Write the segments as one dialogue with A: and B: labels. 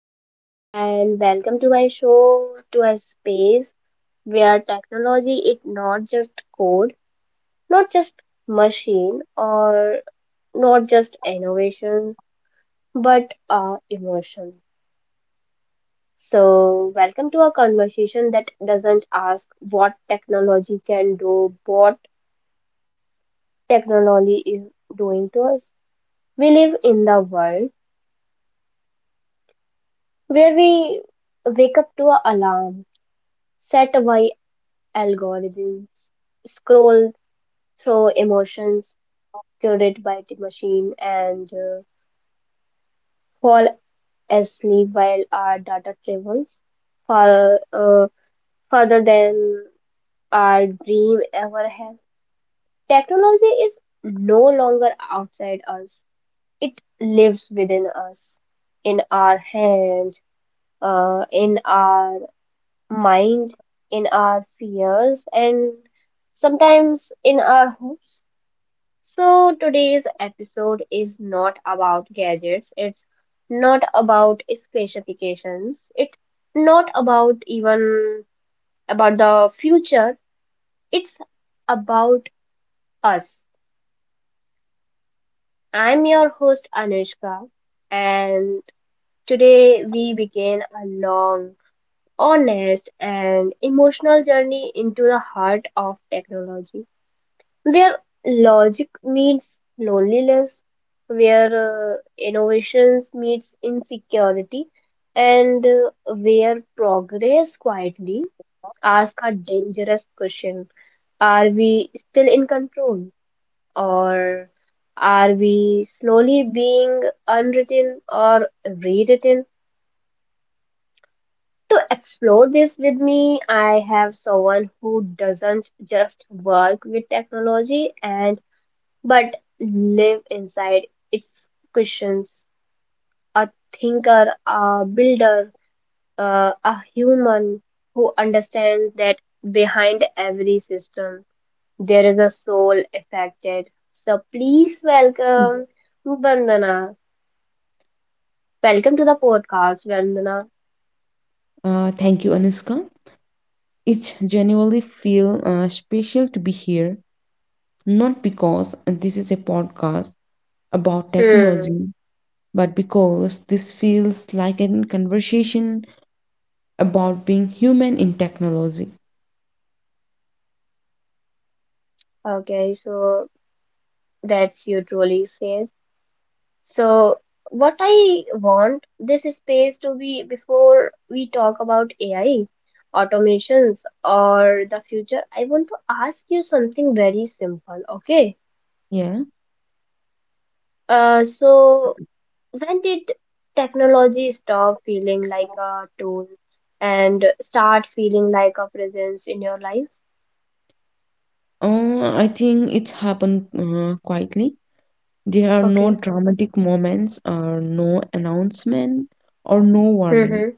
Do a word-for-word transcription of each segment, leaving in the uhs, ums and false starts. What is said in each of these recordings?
A: everyone and welcome to my show, to a space where technology is not just code, not just machine, or not just innovations, but our emotion. So welcome to a conversation that doesn't ask what technology can do, what technology is doing to us. We live in the world where we wake up to an alarm set by algorithms, scroll through emotions curated by the machine, and uh, fall asleep while our data travels far, uh, further than our dream ever has. Technology is no longer outside us, it lives within us, in our hands, uh, in our mind, in our fears, and sometimes in our hopes. So today's episode is not about gadgets, it's not about specifications, it's not about even about the future, it's about us. I'm your host Anushka, and today we begin a long, honest, and emotional journey into the heart of technology. Their logic meets loneliness, where uh, innovations meets insecurity, and uh, where progress quietly asks a dangerous question: are we still in control, or are we slowly being unwritten or rewritten? To explore this with me, I have someone who doesn't just work with technology and but live inside its cushions. A thinker, a builder, uh, a human who understands that behind every system there is a soul affected. So please welcome Vandana. Welcome to the podcast, Vandana.
B: Uh, thank you, Anushka. It genuinely feel uh, special to be here, not because this is a podcast about
A: Hmm.
B: technology, but because this feels like a conversation about being human in technology.
A: Okay, so that's you truly says. So, what I want this space to be before we talk about A I, automations, or the future, I want to ask you something very simple, okay?
B: Yeah.
A: Uh, so, when did technology stop feeling like a tool and start feeling like a presence in your life?
B: Uh, I think it happened uh, quietly. There are no
A: Okay.
B: dramatic moments, or no announcement, or no warning.
A: Mm-hmm.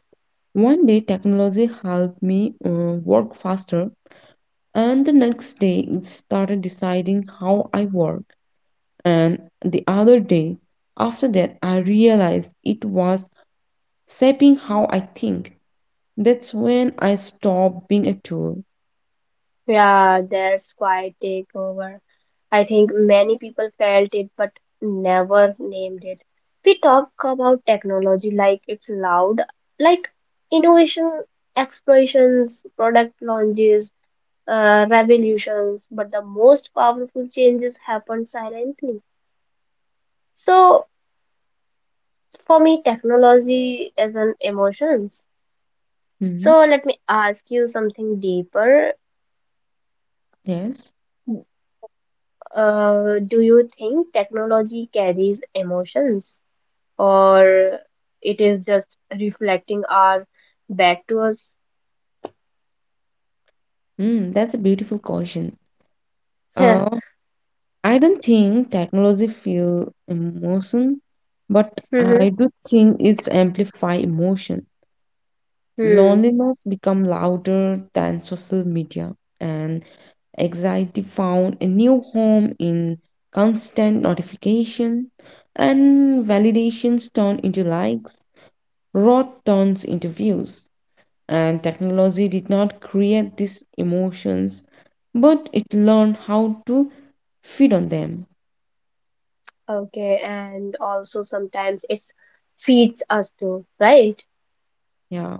B: One day, technology helped me uh, work faster. And the next day, it started deciding how I work. And the other day, after that, I realized it was shaping how I think. That's when I stopped being a tool.
A: Yeah, that's quite takeover. I think many people felt it but never named it. We talk about technology like it's loud, like innovation, explorations, product launches, uh, revolutions, but the most powerful changes happen silently. So for me, technology is an emotions.
B: Hmm.
A: So let me ask you something deeper.
B: Yes.
A: Uh, do you think technology carries emotions, or it is just reflecting our back to us?
B: Mm, that's a beautiful question. Uh, I don't think technology feel emotion, but I
A: Mhm.
B: do think it's amplify emotion.
A: Hmm.
B: Loneliness become louder than social media and anxiety found a new home in constant notification and validations turned into likes, rot turns into views, and technology did not create these emotions but it learned how to feed on them.
A: Okay, and also sometimes it feeds us too, right?
B: Yeah,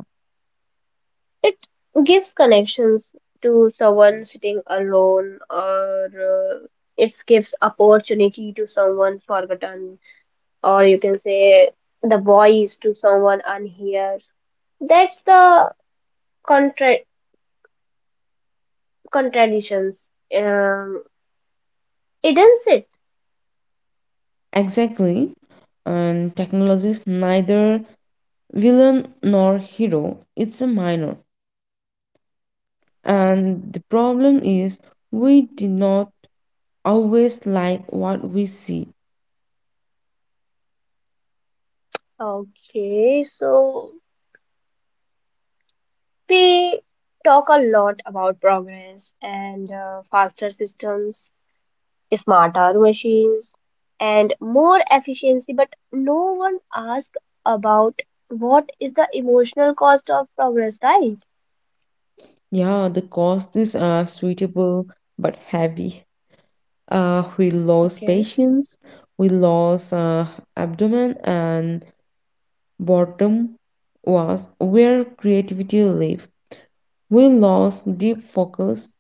A: It gives connections to someone sitting alone, or uh, it gives opportunity to someone forgotten, or you can say the voice to someone unheard. That's the contra- contradictions, um, isn't it?
B: exactly, and technology is neither villain nor hero, it's a minor. And the problem is we do not always like what we see.
A: Okay, so we talk a lot about progress and uh, faster systems, smarter machines, and more efficiency, but no one asks about what is the emotional cost of progress, right?
B: Yeah, the cost is uh, suitable but heavy. Uh, we lose
A: Okay.
B: patience, we lose uh, abdomen and bottom was where creativity live. We lost deep focus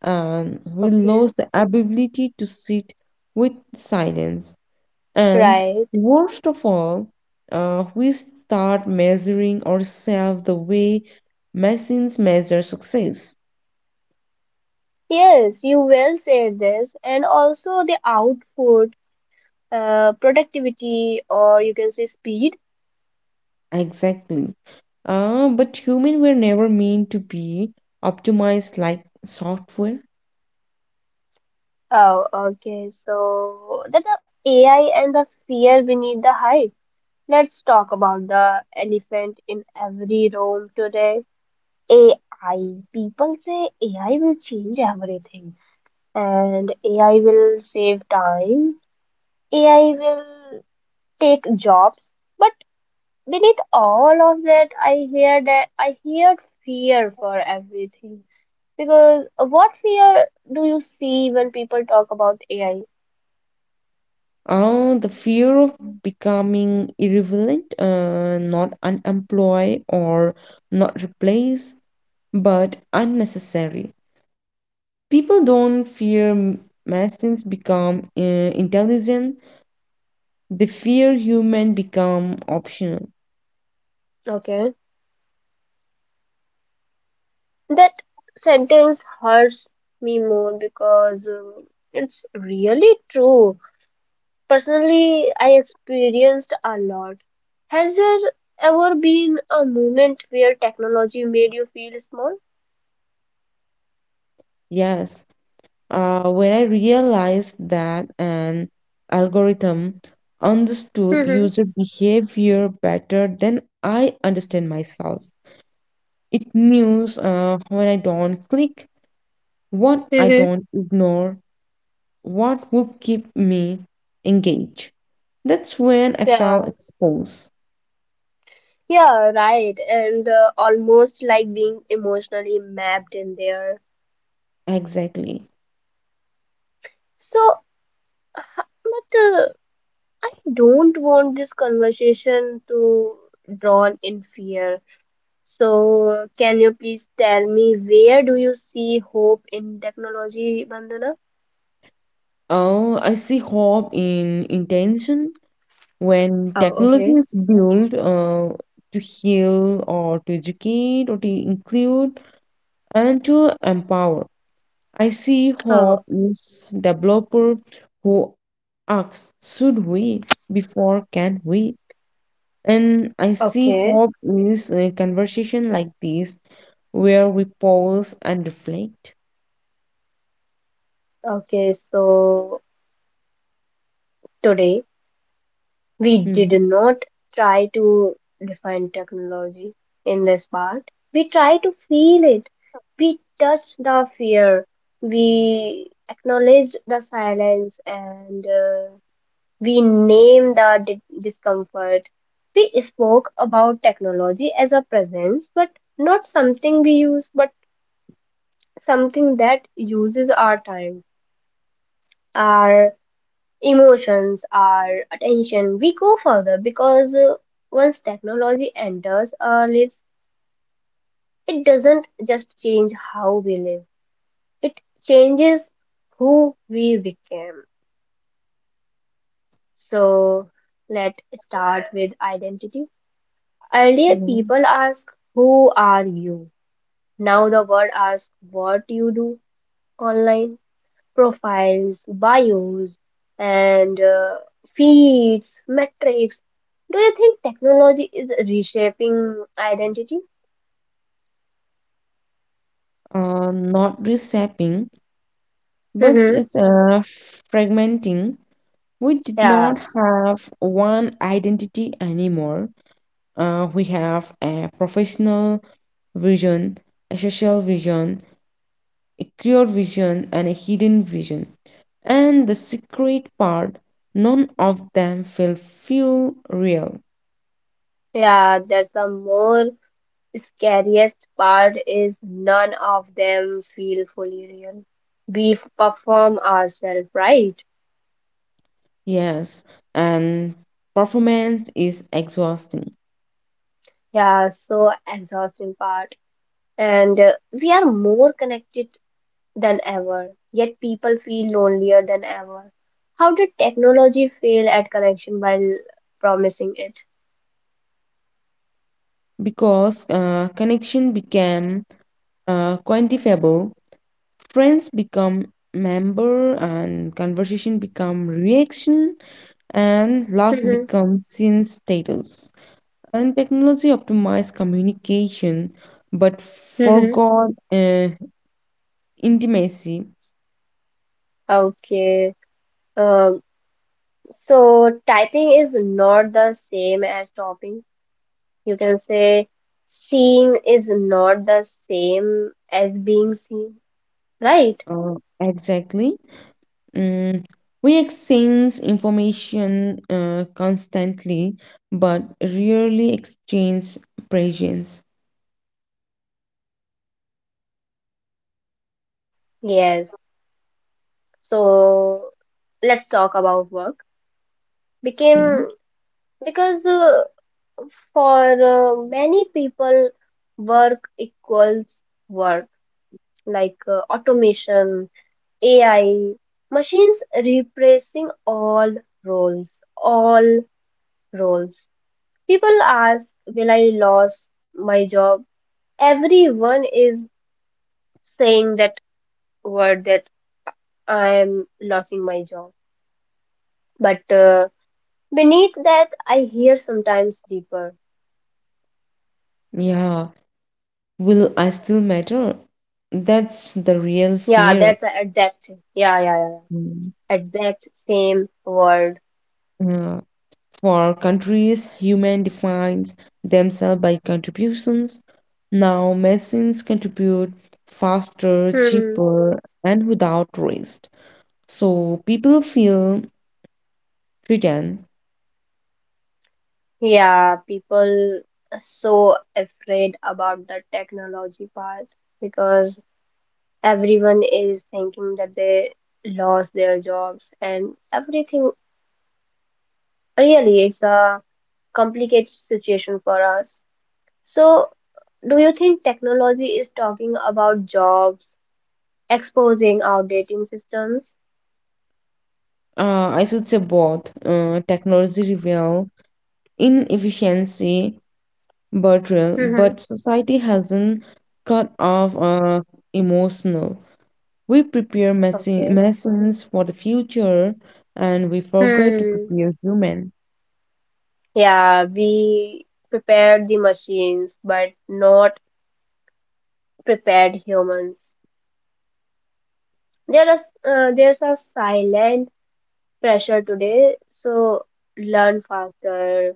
B: and we
A: Okay,
B: lost the ability to sit with silence. And
A: right.
B: worst of all, uh, we start measuring ourselves the way machines measure success.
A: Yes, you well said this, and also the output, uh, productivity, or you can say speed.
B: Exactly. Uh, but human were never meant to be optimized like software.
A: Oh, okay. So that the A I and the fear beneath the hype. Let's talk about the elephant in every room today. A I. People say A I will change everything, and A I will save time. A I will take jobs. But beneath all of that, I hear that I hear fear for everything. Because what fear do you see when people talk about A I?
B: Uh, the fear of becoming irrelevant, uh, not unemployed or not replaced, but unnecessary. People don't fear m- machines become uh, intelligent. They fear human become optional.
A: Okay. That sentence hurts me more because um, it's really true. Personally, I experienced a lot. Has there ever been a moment where technology made you feel small?
B: Yes. Uh, when I realized that an algorithm understood
A: Mm-hmm.
B: user behavior better than I understand myself. It knows uh, when I don't click, what I
A: Mm-hmm.
B: don't ignore, what will keep me engaged. That's when I
A: Yeah,
B: felt exposed.
A: yeah, right. And uh, almost like being emotionally mapped in there.
B: Exactly.
A: So, h- but uh, I don't want this conversation to drawn in fear. So, can you please tell me where do you see hope in technology, Vandana?
B: Oh, I see hope in intention. When
A: Oh,
B: technology
A: okay.
B: is built uh, to heal or to educate or to include and to empower, I see
A: Oh,
B: hope is developer who asks, should we before can we? And I see
A: okay.
B: hope is a conversation like this where we pause and reflect.
A: Okay, so today we did
B: Hmm.
A: not try to define technology in this part. We try to feel it. We touch the fear. We acknowledge the silence, and uh, we named our di- discomfort. We spoke about technology as a presence, but not something we use, but something that uses our time, our emotions, our attention. We go further because uh, once technology enters our lives, it doesn't just change how we live, it changes who we became. So, let's start with identity. Earlier,
B: Yeah.
A: people ask, who are you? Now, the world asks what you do online. Profiles, bios, and uh, feeds, metrics. Do you think technology is reshaping identity?
B: Uh, not reshaping, but
A: Mm-hmm.
B: it's uh, fragmenting. We did
A: Yeah,
B: not have one identity anymore. Uh, we have a professional vision, a social vision, a clear vision, and a hidden vision. And the secret part, none of them will feel real.
A: yeah, that's the more scariest part is none of them feel fully real. We f- perform ourselves, right?
B: Yes, and performance is exhausting.
A: Yeah, so exhausting part. And uh, we are more connected than ever, yet people feel lonelier than ever. How did technology fail at connection while promising it?
B: Because uh, connection became uh, quantifiable, friends become member and conversation become reaction and laugh
A: Mm-hmm.
B: becomes sin status and technology optimized communication but
A: Mm-hmm.
B: forgot uh, intimacy.
A: Okay. Um, so typing is not the same as talking. You can say seeing is not the same as being seen, right?
B: Uh, exactly. Mm, we exchange information uh, constantly but rarely exchange presence.
A: Yes. So let's talk about work.
B: Okay.
A: Became because uh, for uh, many people, work equals work, like uh, automation, A I, machines replacing all roles, all roles. People ask, will I lose my job? Everyone is saying that word that I am losing my job. But uh, beneath that, I hear sometimes deeper.
B: Yeah. Will I still matter? That's the real
A: Yeah,
B: fear.
A: that's a- exact. Yeah, yeah, yeah. Yeah.
B: Mm.
A: Exact same word.
B: Uh, for countries, human defines themselves by contributions. Now machines contribute faster,
A: Hmm.
B: cheaper, and without waste. So people feel threatened.
A: Yeah, people are so afraid about the technology part because everyone is thinking that they lost their jobs and everything. Really, it's a complicated situation for us. So, do you think technology is talking about jobs, exposing outdated systems?
B: Uh, I should say both. Uh, technology reveal inefficiency, but real,
A: Mm-hmm.
B: but society hasn't cut off uh, emotional. We prepare medicine,
A: Okay.
B: medicines for the future and we forget to
A: Hmm.
B: prepare human.
A: Yeah, we prepared the machines, but not prepared humans. There is uh, there's a silent pressure today, so learn faster,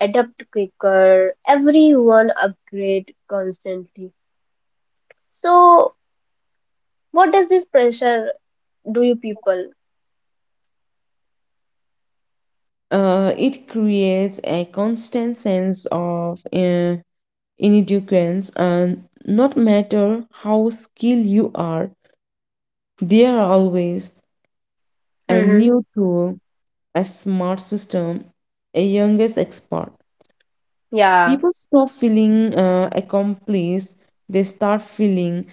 A: adapt quicker. Everyone upgrade constantly. So what does this pressure do you people?
B: Uh, it creates a constant sense of uh, inadequacy and not matter how skilled you are, there are always a
A: Hmm.
B: new tool, a smart system, a youngest expert.
A: Yeah,
B: People stop feeling uh, accomplished, they start feeling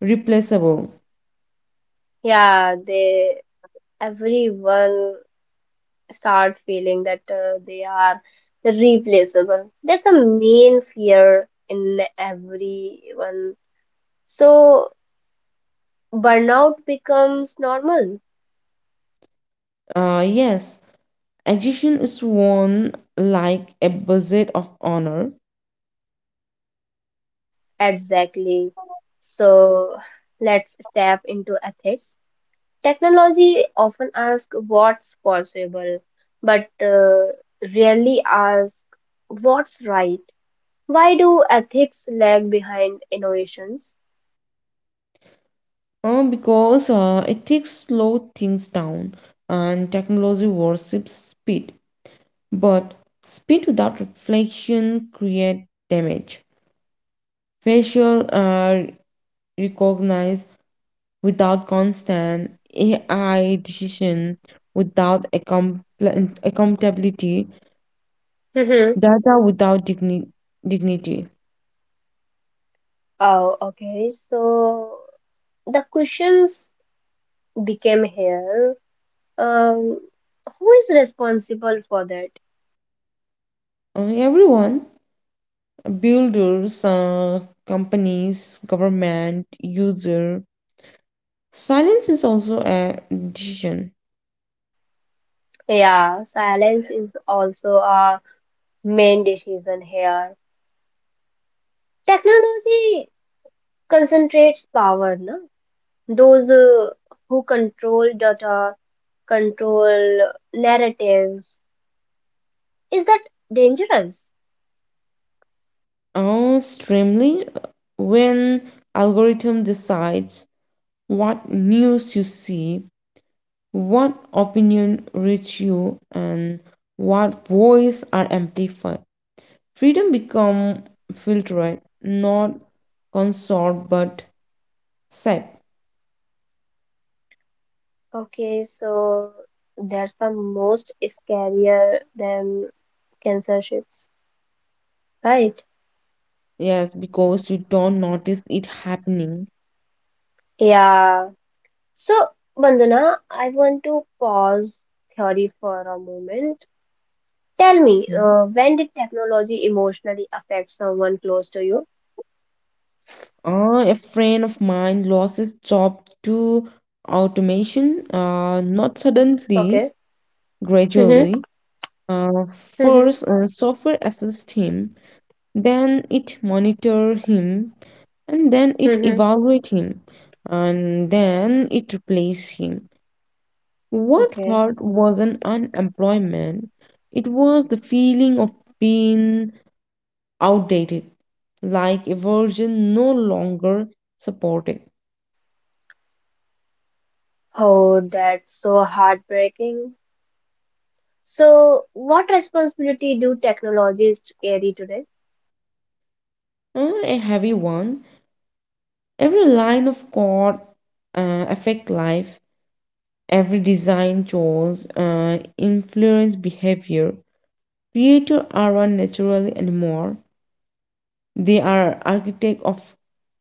B: replaceable.
A: yeah. They everyone start feeling that uh, they are replaceable. That's a main fear in everyone. So burnout becomes normal.
B: Uh, yes, execution is worn like a badge of honor.
A: Exactly. So let's step into ethics. Technology often asks what's possible, but uh, rarely asks what's right. Why do ethics lag behind innovations?
B: Uh, because uh, ethics slow things down and technology worships speed. But speed without reflection creates damage. Facial uh, recognize without constant A I decision without account- accountability,
A: Hmm.
B: data without digni- dignity.
A: Oh, okay. So the questions became here. Um, who is responsible for that?
B: Uh, everyone, builders, uh, companies, government, user. Silence is also a decision.
A: Yeah, silence is also a main decision here. Technology concentrates power, na? Those uh, who control data, control narratives. Is that dangerous?
B: Uh, extremely, when algorithm decides what news you see, what opinion reach you, and what voice are amplified. Freedom become filtered, not consort but said.
A: Okay, so that's the most scarier than censorships, right?
B: Yes, because you don't notice it happening.
A: Yeah. So, Bandana, I want to pause theory for a moment. Tell me, uh, when did technology emotionally affect someone close to you?
B: Uh, a friend of mine lost his job to automation, uh, not suddenly,
A: Okay. Mm-hmm,
B: gradually. Uh,
A: mm-hmm,
B: first, uh, software assessed him, then it monitored him, and then it
A: mm-hmm.
B: evaluated him, and then it replaced him. What
A: Okay.
B: hurt wasn't unemployment, it was the feeling of being outdated, like a version no longer supported.
A: Oh, that's so heartbreaking. So, what responsibility do technologists carry today?
B: Uh, a heavy one. Every line of code uh, affect life. Every design choice uh, influence behavior. Creators aren't naturally anymore. They are architect of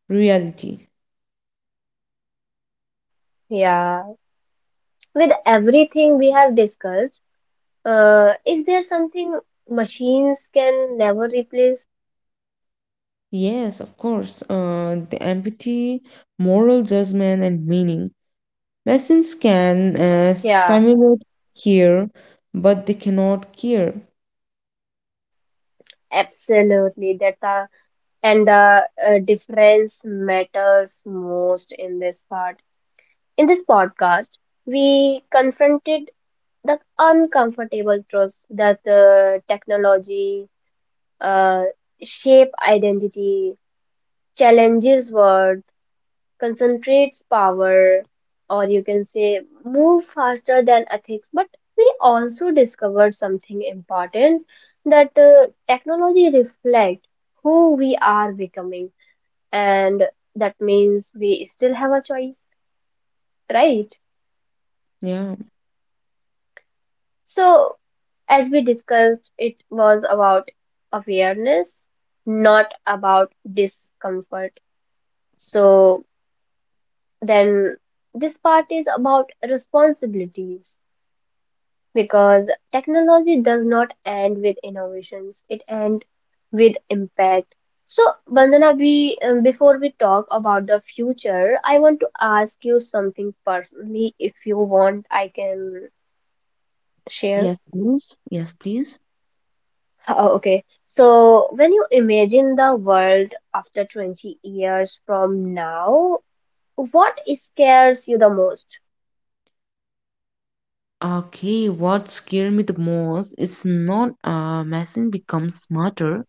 B: reality.
A: Yeah. With everything we have discussed, uh, is there something machines can never replace?
B: Yes, of course. Uh, the empathy, moral judgment, and meaning. Machines can uh,
A: Yeah,
B: simulate care, but they cannot care.
A: absolutely. That's a, and the uh, difference matters most in this part. In this podcast, we confronted the uncomfortable truths that uh, technology uh, shape identity, challenges worth, concentrates power, or you can say move faster than ethics. But we also discovered something important that uh, technology reflects who we are becoming, and that means we still have a choice, right?
B: Yeah.
A: So as we discussed, it was about awareness, not about discomfort. So then this part is about responsibilities because technology does not end with innovations, it ends with impact. So Bandana, we um, before we talk about the future, I want to ask you something personally. If you want, I can share.
B: Yes, please. Yes, please.
A: Oh, okay. So when you imagine the world after twenty years from now, what scares you the most?
B: Okay, what scared me the most is not a machine become smarter,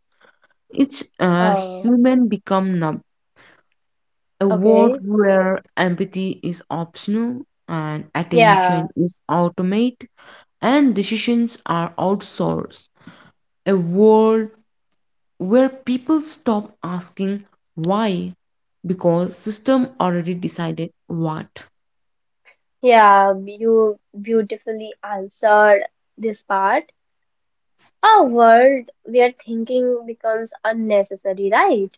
B: it's a
A: Oh,
B: human become numb. A world
A: okay.
B: where empathy is optional and
A: Yeah,
B: attention is automate and decisions are outsourced. A world where people stop asking why because system already decided what.
A: yeah, you beautifully answered this part. A world where thinking becomes unnecessary, right?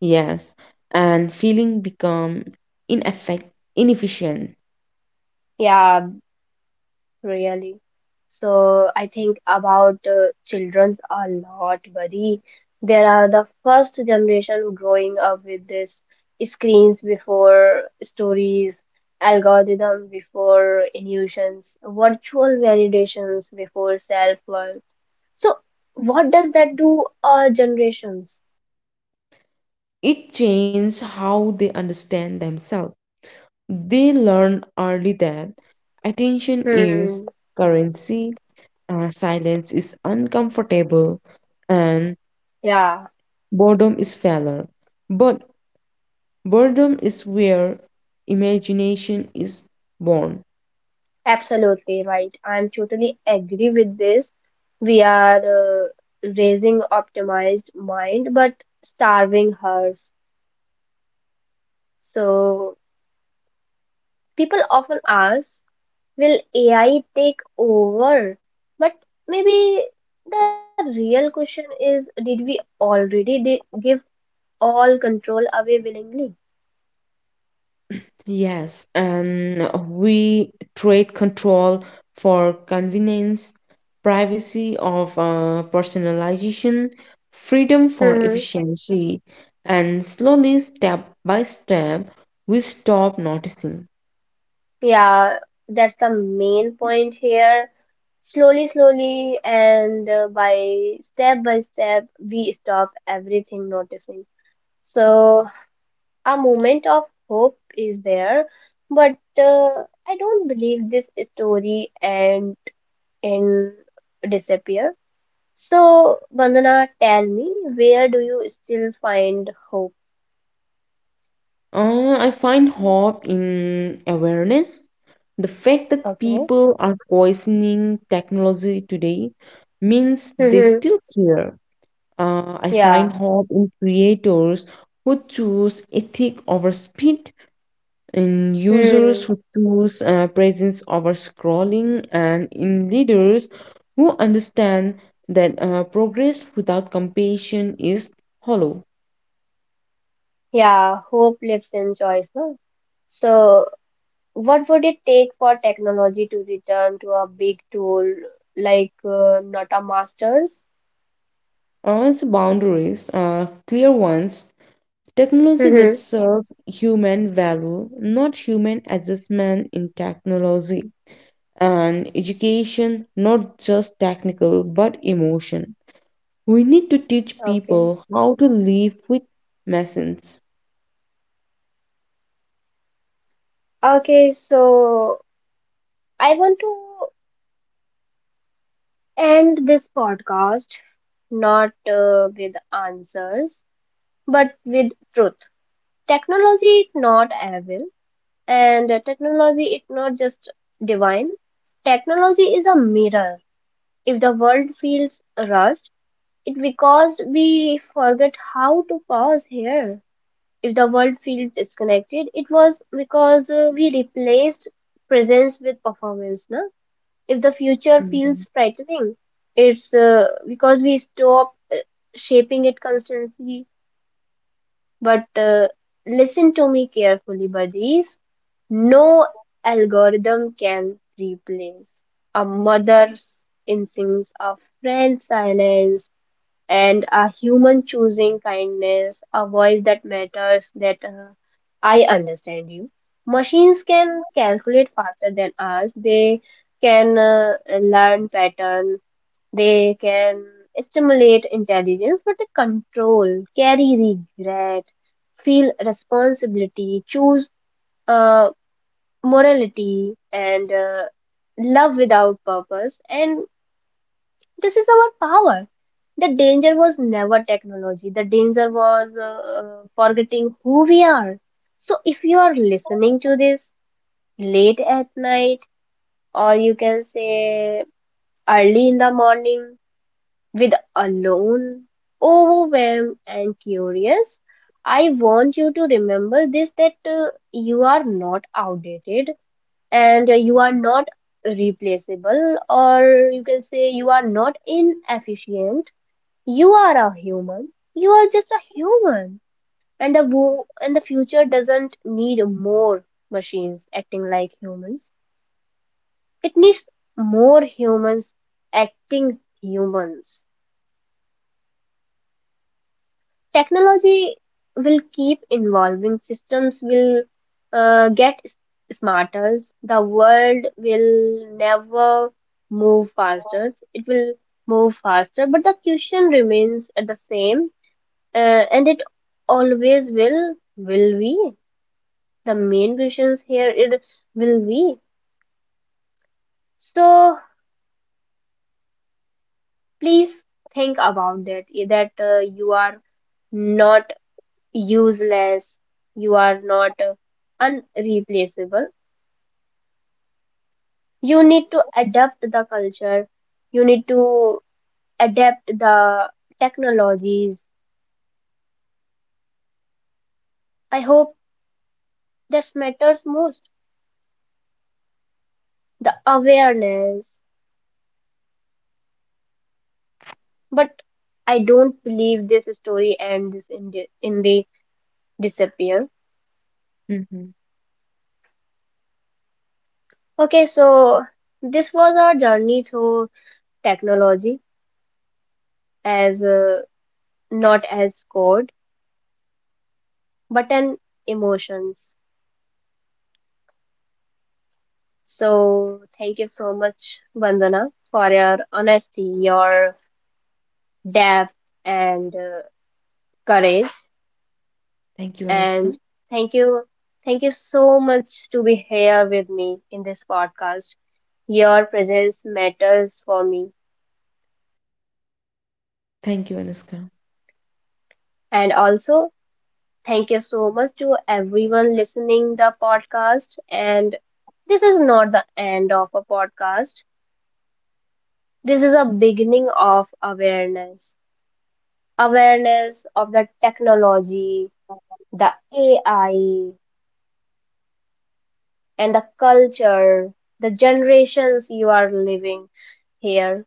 B: Yes, and feeling become ineffect inefficient.
A: Yeah. Really. So I think about uh, children's a lot, buddy. They are the first generation growing up with this: screens before stories, algorithm before illusions, virtual validations before self-worth. So what does that do our generations?
B: It changes how they understand themselves. They learn early that attention
A: Hmm,
B: is currency, uh, silence is uncomfortable, and
A: yeah.
B: boredom is failure. But boredom is where imagination is born.
A: Absolutely right. I'm totally agree with this. We are uh, raising optimized mind but starving hers. So people often ask, will A I take over? But maybe the real question is, did we already di- give all control away willingly?
B: Yes, and we trade control for convenience, privacy of uh, personalization, freedom for
A: Mhm.
B: efficiency, and slowly, step by step, we stop noticing.
A: Yeah, that's the main point here. Slowly, slowly, and uh, by step by step, we stop everything noticing. So, a moment of hope is there, but uh, I don't believe this story and and disappear. So, Vandana, tell me, where do you still find hope?
B: Uh, I find hope in awareness. The fact that
A: Okay.
B: people are questioning technology today means they
A: Mm-hmm.
B: still care. Uh, I find
A: Yeah.
B: hope in creators who choose ethic over speed, in users who
A: Hmm.
B: choose uh, presence over scrolling, and in leaders who understand that uh, progress without compassion is hollow.
A: Yeah, hope lives in choice, no? So, what would it take for technology to return to a big tool like uh, not a master's?
B: Uh, its boundaries, uh, clear ones, technology that
A: Mm-hmm.
B: serves human value, not human adjustment in technology, and education, not just technical but emotion. We need to teach
A: Okay.
B: people how to live with machines.
A: Okay, so I want to end this podcast not uh, with answers, but with truth. Technology is not evil, and uh, technology is not just divine. Technology is a mirror. If the world feels rushed, it because we forget how to pause here. If the world feels disconnected, it was because uh, we replaced presence with performance. No? If the future feels
B: Mhm.
A: frightening, it's uh, because we stop uh, shaping it constantly. But uh, listen to me carefully, buddies. No algorithm can replace a mother's instincts, a friend's silence, and a human choosing kindness, a voice that matters, that uh, I understand you. Machines can calculate faster than us, they can uh, learn pattern, they can stimulate intelligence, but they control, carry regret, feel responsibility, choose uh, morality, and uh, love without purpose. And this is our power. The danger was never technology. The danger was uh, uh, forgetting who we are. So if you are listening to this late at night, or you can say early in the morning, with alone, overwhelmed, and curious, I want you to remember this that uh, you are not outdated, and uh, you are not replaceable, or you can say you are not inefficient, you are a human. You are just a human. And the wo- and the future doesn't need more machines acting like humans. It needs more humans acting humans. Technology will keep evolving. Systems will uh, get s- smarter. The world will never move faster. It will move faster, but the question remains at the same. Uh, and it always will, will we? The main questions here is will we? So please think about that, eh, that uh, you are not useless, you are not uh, unreplaceable. You need to adapt the culture, you need to adapt the technologies. I hope that matters most. The awareness. But I don't believe this story ends in the, in the disappear.
B: Mhm.
A: Okay, so this was our journey through technology as uh, not as code, but an emotions. So thank you so much, Vandana, for your honesty, your depth, and uh, courage.
B: Thank you,
A: And
B: Anuska.
A: thank you, thank you so much to be here with me in this podcast. Your presence matters for me.
B: Thank you, Anuska.
A: And also, thank you so much to everyone listening the podcast. And this is not the end of a podcast. This is a beginning of awareness. Awareness of the technology, the A I, and the culture, the generations you are living here.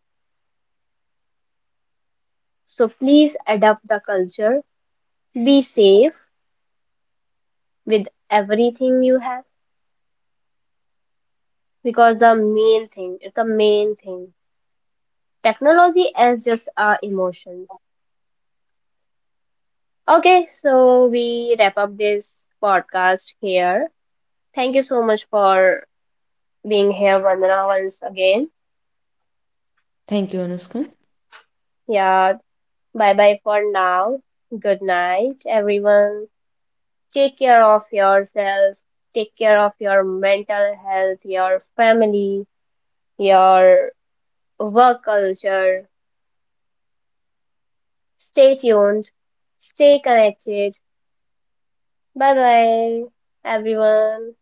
A: So please adapt the culture. Be safe with everything you have because the main thing it's the main thing, technology as just our emotions. Okay, so we wrap up this podcast here. Thank you so much for being here, Vandana, once again.
B: Thank you, Anuska.
A: Yeah, bye bye for now. Good night, everyone. Take care of yourself, take care of your mental health, your family, your work culture. Stay tuned, stay connected. Bye bye, everyone.